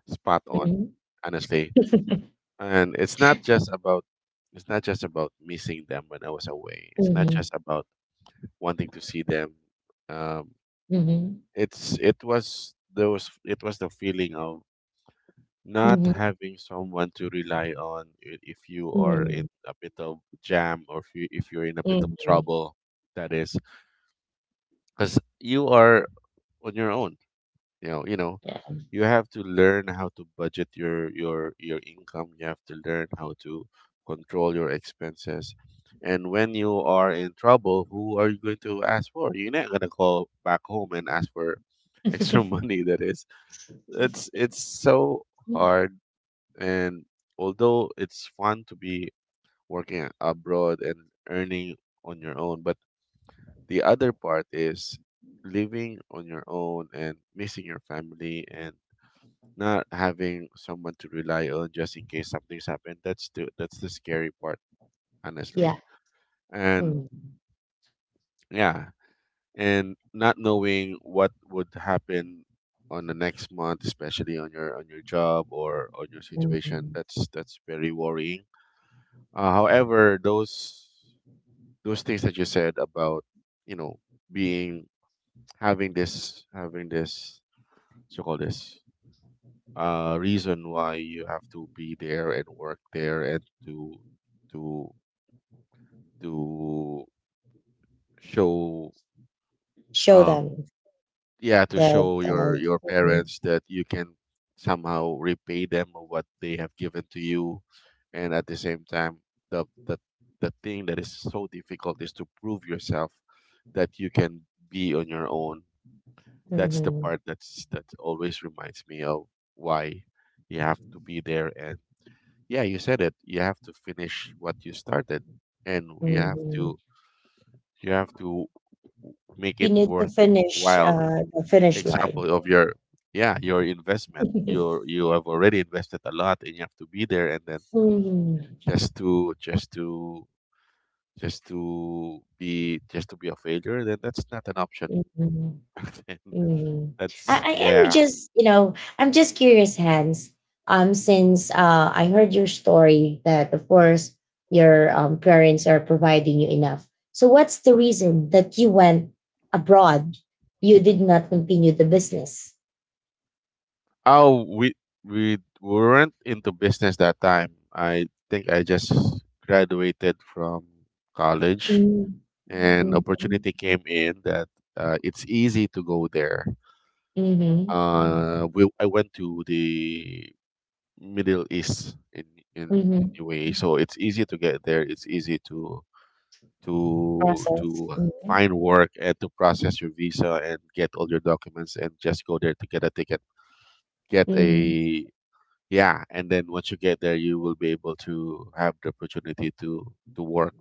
S2: spot on,
S1: Mhm.
S2: honestly. And it's not just about, it's not just about missing them when I was away. It's not
S1: Mhm.
S2: just about wanting to see them. Um,
S1: Mhm.
S2: it's it was those, it was the feeling of not
S1: Mhm.
S2: having someone to rely on if you are in
S1: Mhm.
S2: a bit of jam, or if you, if you're in a bit of
S1: Mhm.
S2: trouble. That is because you are on your own. You know, you know,
S1: Yeah.
S2: you have to learn how to budget your income. You have to learn how to control your expenses. And when you are in trouble, who are you going to ask for? You're not gonna call back home and ask for extra money. That is, it's it's so hard. And although it's fun to be working abroad and earning on your own, but the other part is living on your own and missing your family and not having someone to rely on, just in case something's happened. That's the, that's the scary part,
S1: Yeah.
S2: honestly. And
S1: Mm.
S2: yeah, and not knowing what would happen on the next month, especially on your, on your job or on your situation.
S1: Mhm.
S2: That's very worrying. However, those things that you said about, you know, being having this so call this reason why you have to be there and work there and to to show
S1: Show
S2: um
S1: them
S2: yeah, to
S1: that,
S2: show your
S1: mhm.
S2: parents that you can somehow repay them of what they have given to you, and at the same time, the the the thing that is so difficult is to prove yourself that you can be on your own. That's the
S1: Mhm.
S2: part, that's that always reminds me of why you have to be there, and yeah, you said it. You have to finish what you started, and
S1: Mhm.
S2: you have to make
S1: You
S2: it
S1: need to finish,
S2: worthwhile.
S1: the finish line.
S2: Example of your yeah your investment. You you have already invested a lot, and you have to be there, and then
S1: Mhm.
S2: just to just to just to be a failure, then that's not an option.
S1: Mhm.
S2: Then
S1: Mm. I,
S2: that's
S1: I am
S2: yeah.
S1: just, you know, I'm just curious, Hans. Since I heard your story that, of course, your parents are providing you enough. So, what's the reason that you went abroad? You did not continue the business.
S2: Oh, we weren't into business that time. I think I just graduated from college,
S1: Mm.
S2: and
S1: Mm-hmm.
S2: opportunity came in that it's easy to go there.
S1: Mm-hmm.
S2: We I went to the Middle East in
S1: Mm-hmm.
S2: UAE, so it's easy to get there. It's easy to to
S1: Process.
S2: to
S1: Mm-hmm.
S2: find work and to process your visa and get all your documents and just go there to get a ticket, get a yeah, and then once you get there, you will be able to have the opportunity to work.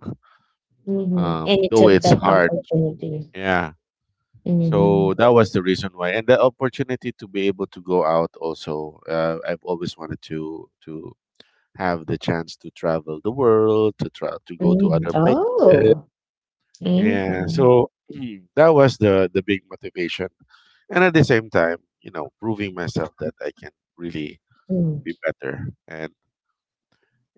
S1: Mm-hmm. And you
S2: Though
S1: took
S2: it's
S1: that
S2: hard.
S1: opportunity.
S2: Yeah.
S1: Mm-hmm.
S2: So that was the reason why, and the opportunity to be able to go out also. I've always wanted to have the chance to travel the world, to try to go to
S1: Mm-hmm.
S2: other places.
S1: Oh.
S2: Yeah.
S1: Mm-hmm.
S2: So that was the big motivation, and at the same time, you know, proving myself that I can really be better and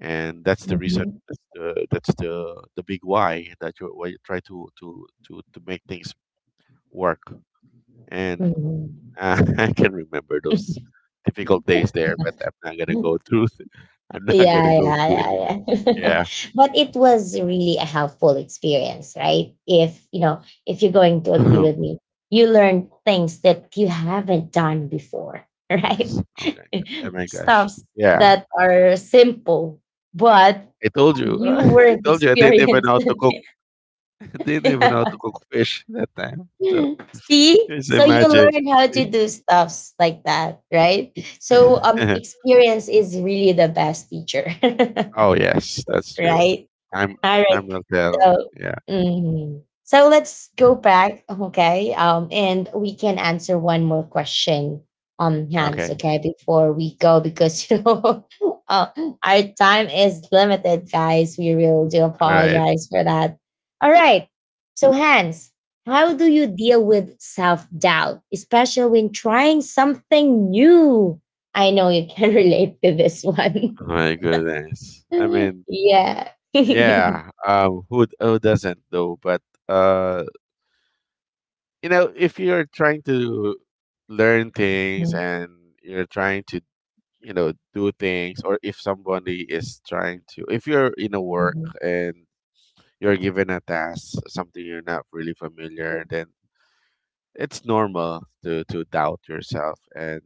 S2: and that's the reason
S1: Mm-hmm.
S2: that's the big why why you try to make things work and
S1: Mhm.
S2: I can remember those difficult days there, but I'm not gonna go through I'm not gonna
S1: Yeah,
S2: go
S1: yeah,
S2: through it again.
S1: yeah, yeah.
S2: Yeah.
S1: But it was really a helpful experience, right? If you know, if you're going to agree with me, you learn things that you haven't done before, right?
S2: Oh my gosh,
S1: Stuffs
S2: yeah.
S1: that are simple, but
S2: I told you,
S1: you
S2: I
S1: weren't
S2: told you I didn't even
S1: experienced.
S2: know how to
S1: In,
S2: cook. I didn't even know how to cook fish that time, so
S1: see?
S2: just
S1: So you
S2: imagine.
S1: learn how to do stuffs like that, right? So experience is really the best teacher.
S2: Oh yes, that's true.
S1: Right?
S2: Time
S1: All
S2: time
S1: right.
S2: will tell.
S1: So,
S2: Yeah.
S1: mhm, so let's go back, okay? And we can answer one more question, Hans,
S2: Okay.
S1: okay, before we go because you know, uh, our time is limited, guys. We really do
S2: All right.
S1: apologize for that. All right. So, Hans, how do you deal with self doubt, especially when trying something new? I know you can relate to this one.
S2: Oh my goodness. I mean,
S1: Yeah.
S2: yeah. Who doesn't though? But uh, you know, if you're trying to learn things
S1: Mhm,
S2: and you're trying to, you know, do things, or if somebody is trying to, if you're in a work
S1: mhm,
S2: and you're given a task, something you're not really familiar, then it's normal to doubt yourself and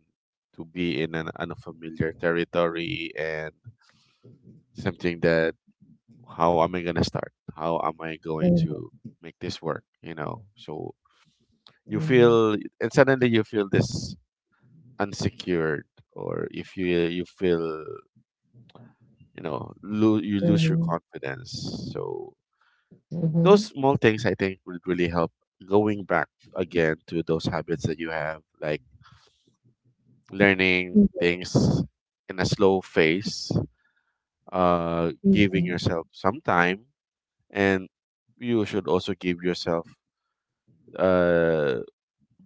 S2: to be in an unfamiliar territory and something that, how am I going to start? How am I going
S1: mhm,
S2: to make this work, you know? So you
S1: mhm,
S2: feel, and suddenly you feel this unsecured, or if you feel, you know, you
S1: mhm,
S2: lose your
S1: mhm,
S2: confidence. So those
S1: mhm,
S2: small things, I think, would really help going back again to those habits that you have, like learning things in a slow phase, giving
S1: mhm,
S2: yourself some time, and you should also give yourself uh,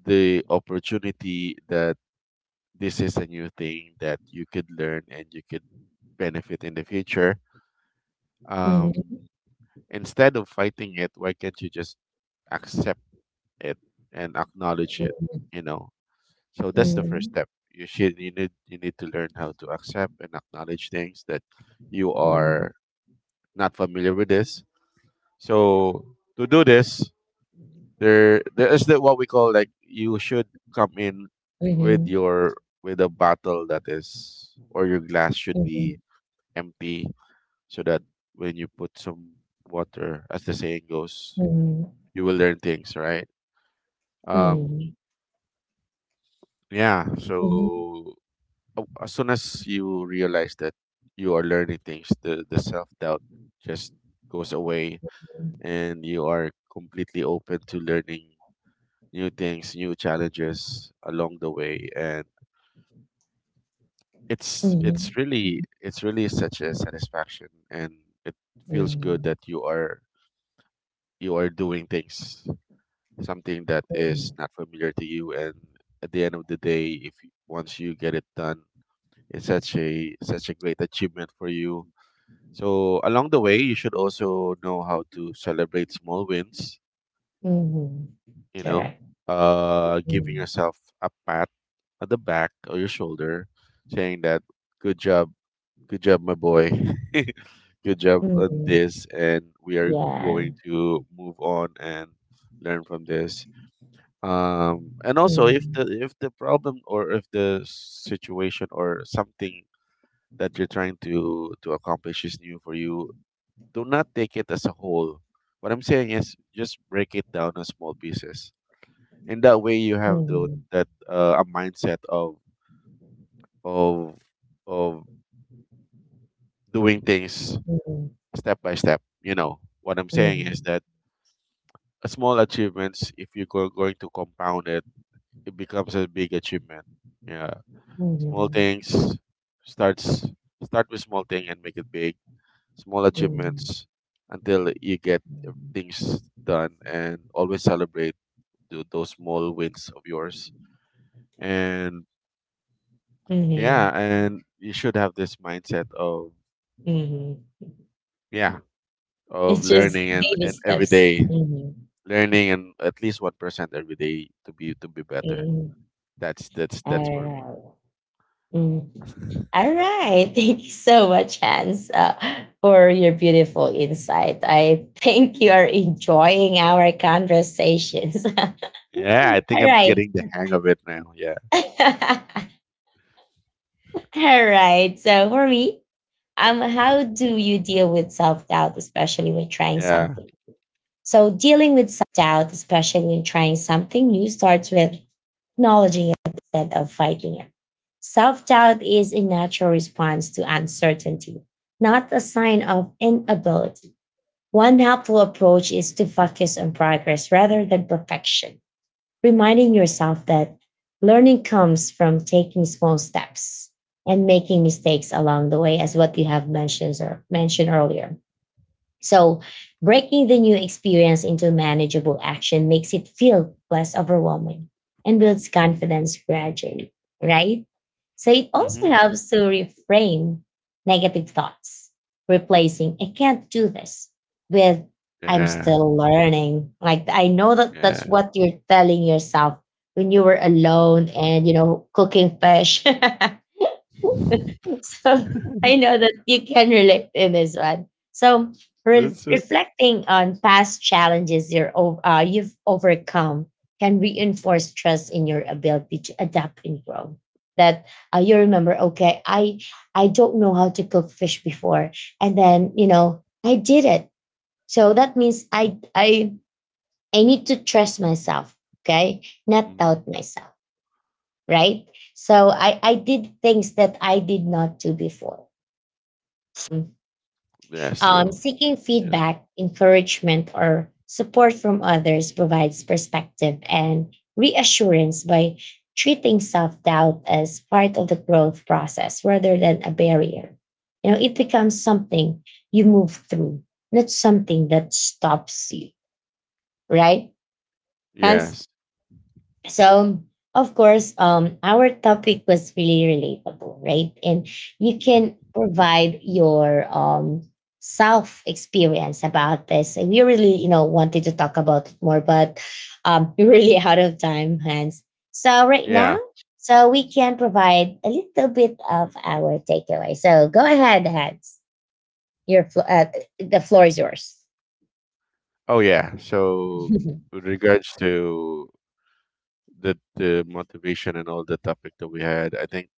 S2: the opportunity that this is a new thing that you could learn and you could benefit in the future.
S1: mhm, mhm, mhm,
S2: Um, instead of fighting it, why can't you just accept it and acknowledge it? You know, so
S1: mhm,
S2: that's
S1: mhm,
S2: the first
S1: mhm,
S2: step. You need you need to learn how to accept and acknowledge things that you are
S1: mhm,
S2: not familiar with this. So to do this, there is the, what we call, like, you should come in with your with a bottle that is, or your glass should
S1: mhm,
S2: be empty, so that when you put some water, as the saying goes, you will learn things, right? Um,
S1: mhm,
S2: yeah,
S1: mhm,
S2: so as soon as you realize that you are learning things, the self doubt just goes away, and you are completely open to learning new things, new challenges along the way. And it's really such a satisfaction, and it feels good that you are doing things, something that is
S1: mhm,
S2: not familiar to you, and at the end of the day, if you- once you get it done, it's such a such a great achievement for you. So along the way, you should also know how to celebrate small wins,
S1: mhm.
S2: you know,
S1: Correct.
S2: giving
S1: Mm,
S2: yourself a pat at the back or your shoulder, saying that good job, good job, my boy, good job on
S1: mm.
S2: this, and we are
S1: Yeah.
S2: going to move on and learn from this. And also, if
S1: Mm,
S2: the problem, or if the situation, or something that you're trying to accomplish is new for you, do not take it as a whole. What I'm saying is just break it down in small pieces. And that way you have the,
S1: mm,
S2: that a mindset of of of doing things
S1: mm,
S2: step by step. You know, what I'm saying is
S1: mm,
S2: that a small achievements, if you're going to compound it, it becomes a big achievement. Yeah.
S1: mm,
S2: Small
S1: mm,
S2: things starts start with small thing and make it big, small achievements, until you get things done, and always celebrate those small wins of yours, and
S1: mm,
S2: yeah,
S1: mhm,
S2: and you should have this mindset of
S1: mhm.
S2: yeah of
S1: It's just
S2: learning
S1: baby
S2: and every
S1: steps.
S2: day
S1: hmm
S2: learning and at least 1% every day to be better. That's for me.
S1: All right. Mm. All right. Thank you so much, Hans, for your beautiful insight. I think you are enjoying our conversations. All
S2: Yeah, I think I'm
S1: right.
S2: getting the hang of it now. Yeah.
S1: All right. So for me, how do you deal with self-doubt, especially when trying
S2: Yeah.
S1: something? So dealing with self-doubt, especially when trying something new, starts with acknowledging it instead of fighting it. Self doubt is a natural response to uncertainty, not a sign of inability. One helpful approach is to focus on progress rather than perfection, reminding yourself that learning comes from taking small steps and making mistakes along the way, as what you have mentioned, or mentioned earlier. So, breaking the new experience into manageable action makes it feel less overwhelming and builds confidence gradually, right? So, it also
S2: Mm-hmm.
S1: helps to reframe negative thoughts, replacing I can't do this with I'm
S2: Yeah.
S1: still learning. Like, I know that that's
S2: Yeah.
S1: what you're telling yourself when you were alone and, you know, cooking fish. So I know that you can relate in this one. So
S2: That's it.
S1: reflecting on past challenges you've overcome can reinforce trust in your ability to adapt and grow. That you remember, okay, I don't know how to cook fish before, and then you know I did it. So that means I need to trust myself, okay, not
S2: Mm.
S1: doubt myself, right? So I did things that I did not do before.
S2: That's true.
S1: Seeking
S2: Yeah.
S1: feedback, encouragement, or support from others provides perspective and reassurance by treating self doubt as part of the growth process rather than a barrier. You know, it becomes something you move through, not something that stops you, right? Hans?
S2: Yes.
S1: So, of course, our topic was really relatable, right? And you can
S2: Hmm.
S1: provide your self experience about this. And we really, you know, wanted to talk about it more, but we're really out of time, Hans. So right
S2: Yeah.
S1: now, so we can provide a little bit of our takeaway. So go ahead, Hans. Your the floor is yours.
S2: Oh yeah. So with regards to the motivation and all the topic that we had, I think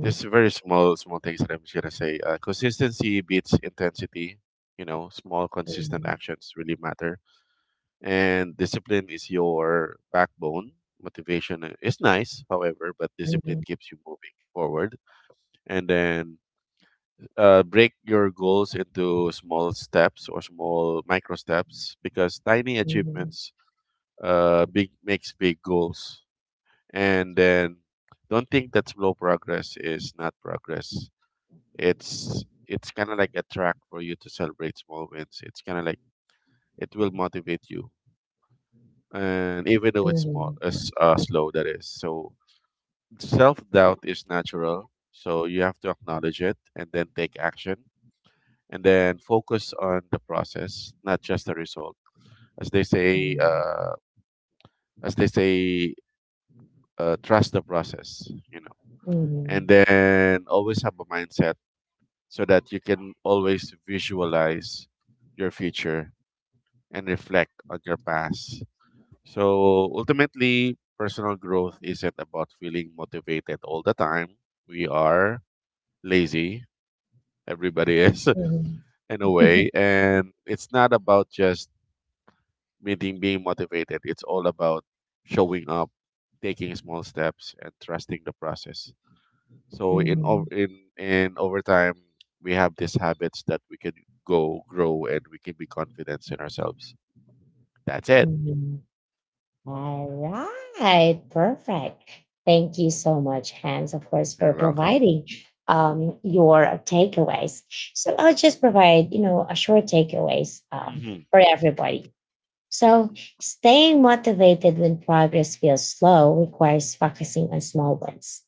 S2: there's very small things that I'm just gonna say. Consistency beats intensity. You know, small consistent
S1: mhm,
S2: actions really matter, and discipline is your backbone. Motivation is nice, however, but discipline
S1: mhm,
S2: keeps you moving forward. And then break your goals into small steps or small micro steps, because tiny
S1: mhm,
S2: achievements big makes big goals, and then don't think that slow progress is not progress. It's kind of like a track for you to celebrate small wins. It's kind of like it will motivate you, and even though it's
S1: mhm,
S2: small
S1: mhm,
S2: as slow that is, so self-doubt is natural, so you have to acknowledge it and then take action, and then focus on the process, not just the result. As they say,
S1: mhm.
S2: uh, as they say, trust the process, you know, and
S1: Mhm,
S2: then always have a mindset so that you can always visualize your future and reflect on your past. So ultimately, personal growth isn't about feeling motivated all the time. We are lazy. Everybody is
S1: mhm,
S2: in a way. And it's not about just meaning being motivated. It's all about showing up, taking small steps, and trusting the process. So in
S1: mhm,
S2: ov- in over time, we have these habits that we can go grow and we can be confident in ourselves. That's it.
S1: mhm. All right, perfect. Thank you so much, Hans, of course, for
S2: You're welcome.
S1: providing your takeaways. So I'll just provide, you know, a short takeaways
S2: Mm-hmm.
S1: for everybody. So, staying motivated when progress feels slow requires focusing on small wins,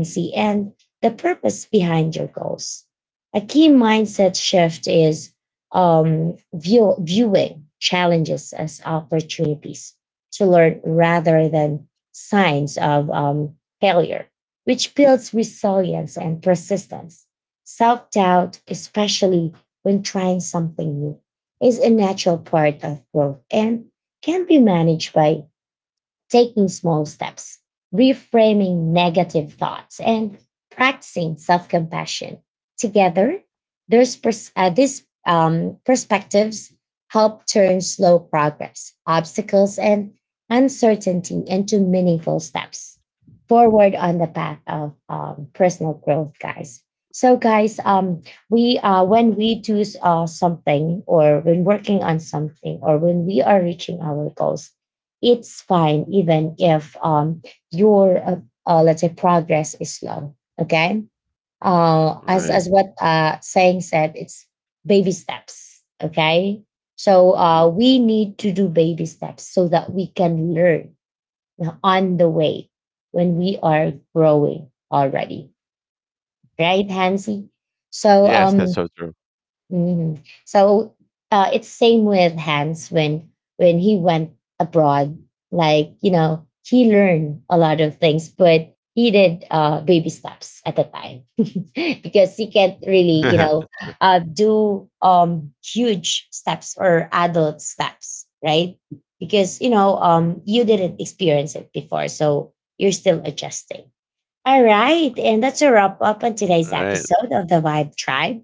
S2: Mm-hmm.
S1: and the purpose behind your goals. A key mindset shift is viewing challenges as opportunities to learn rather than signs of failure, which builds resilience and persistence. Self doubt, especially when trying something new, is a natural part of growth and can be managed by taking small steps, reframing negative thoughts, and practicing self compassion. Together, these perspectives help turn slow progress, obstacles, and uncertainty into meaningful steps forward on the path of personal growth, guys. So, guys, we when we do something, or when working on something, or when we are reaching our goals, it's fine even if your let's say progress is slow, okay, uh, as
S2: Right.
S1: as what uh, saying said, it's baby steps, okay, so
S2: Mm-hmm.
S1: we need to do baby steps so that we can learn on the way when we are growing already, right, hansi? So
S2: Yes, that's so true.
S1: Mhm. So it's same with Hans when he went abroad. Like you know, he learned a lot of things, but he did baby steps at the time because he can't really you know
S2: That's true.
S1: do huge steps or adult steps, right? Because you know you didn't experience it before, so you're still adjusting. All right, and that's a wrap up on today's
S2: All right.
S1: episode of the Vibe Tribe.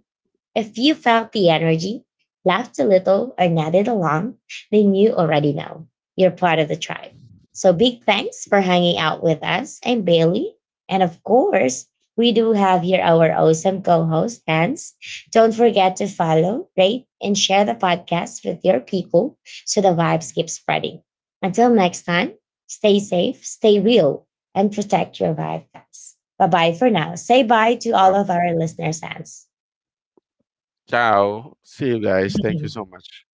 S1: If you felt the energy, laughed a little, or nodded along, then you already know you're part of the tribe. So big thanks for hanging out with us. I'm Bailey. And of course, we do have here our awesome co-host, Hans. Don't forget to follow, rate, and share the podcast with your people so the vibes keep spreading. Until next time, stay safe, stay real, and protect your vibe, guys. Bye-bye for now. Say bye to all
S2: Um,
S1: of our listeners, Hans.
S2: ciao. See you guys. Thank you so much.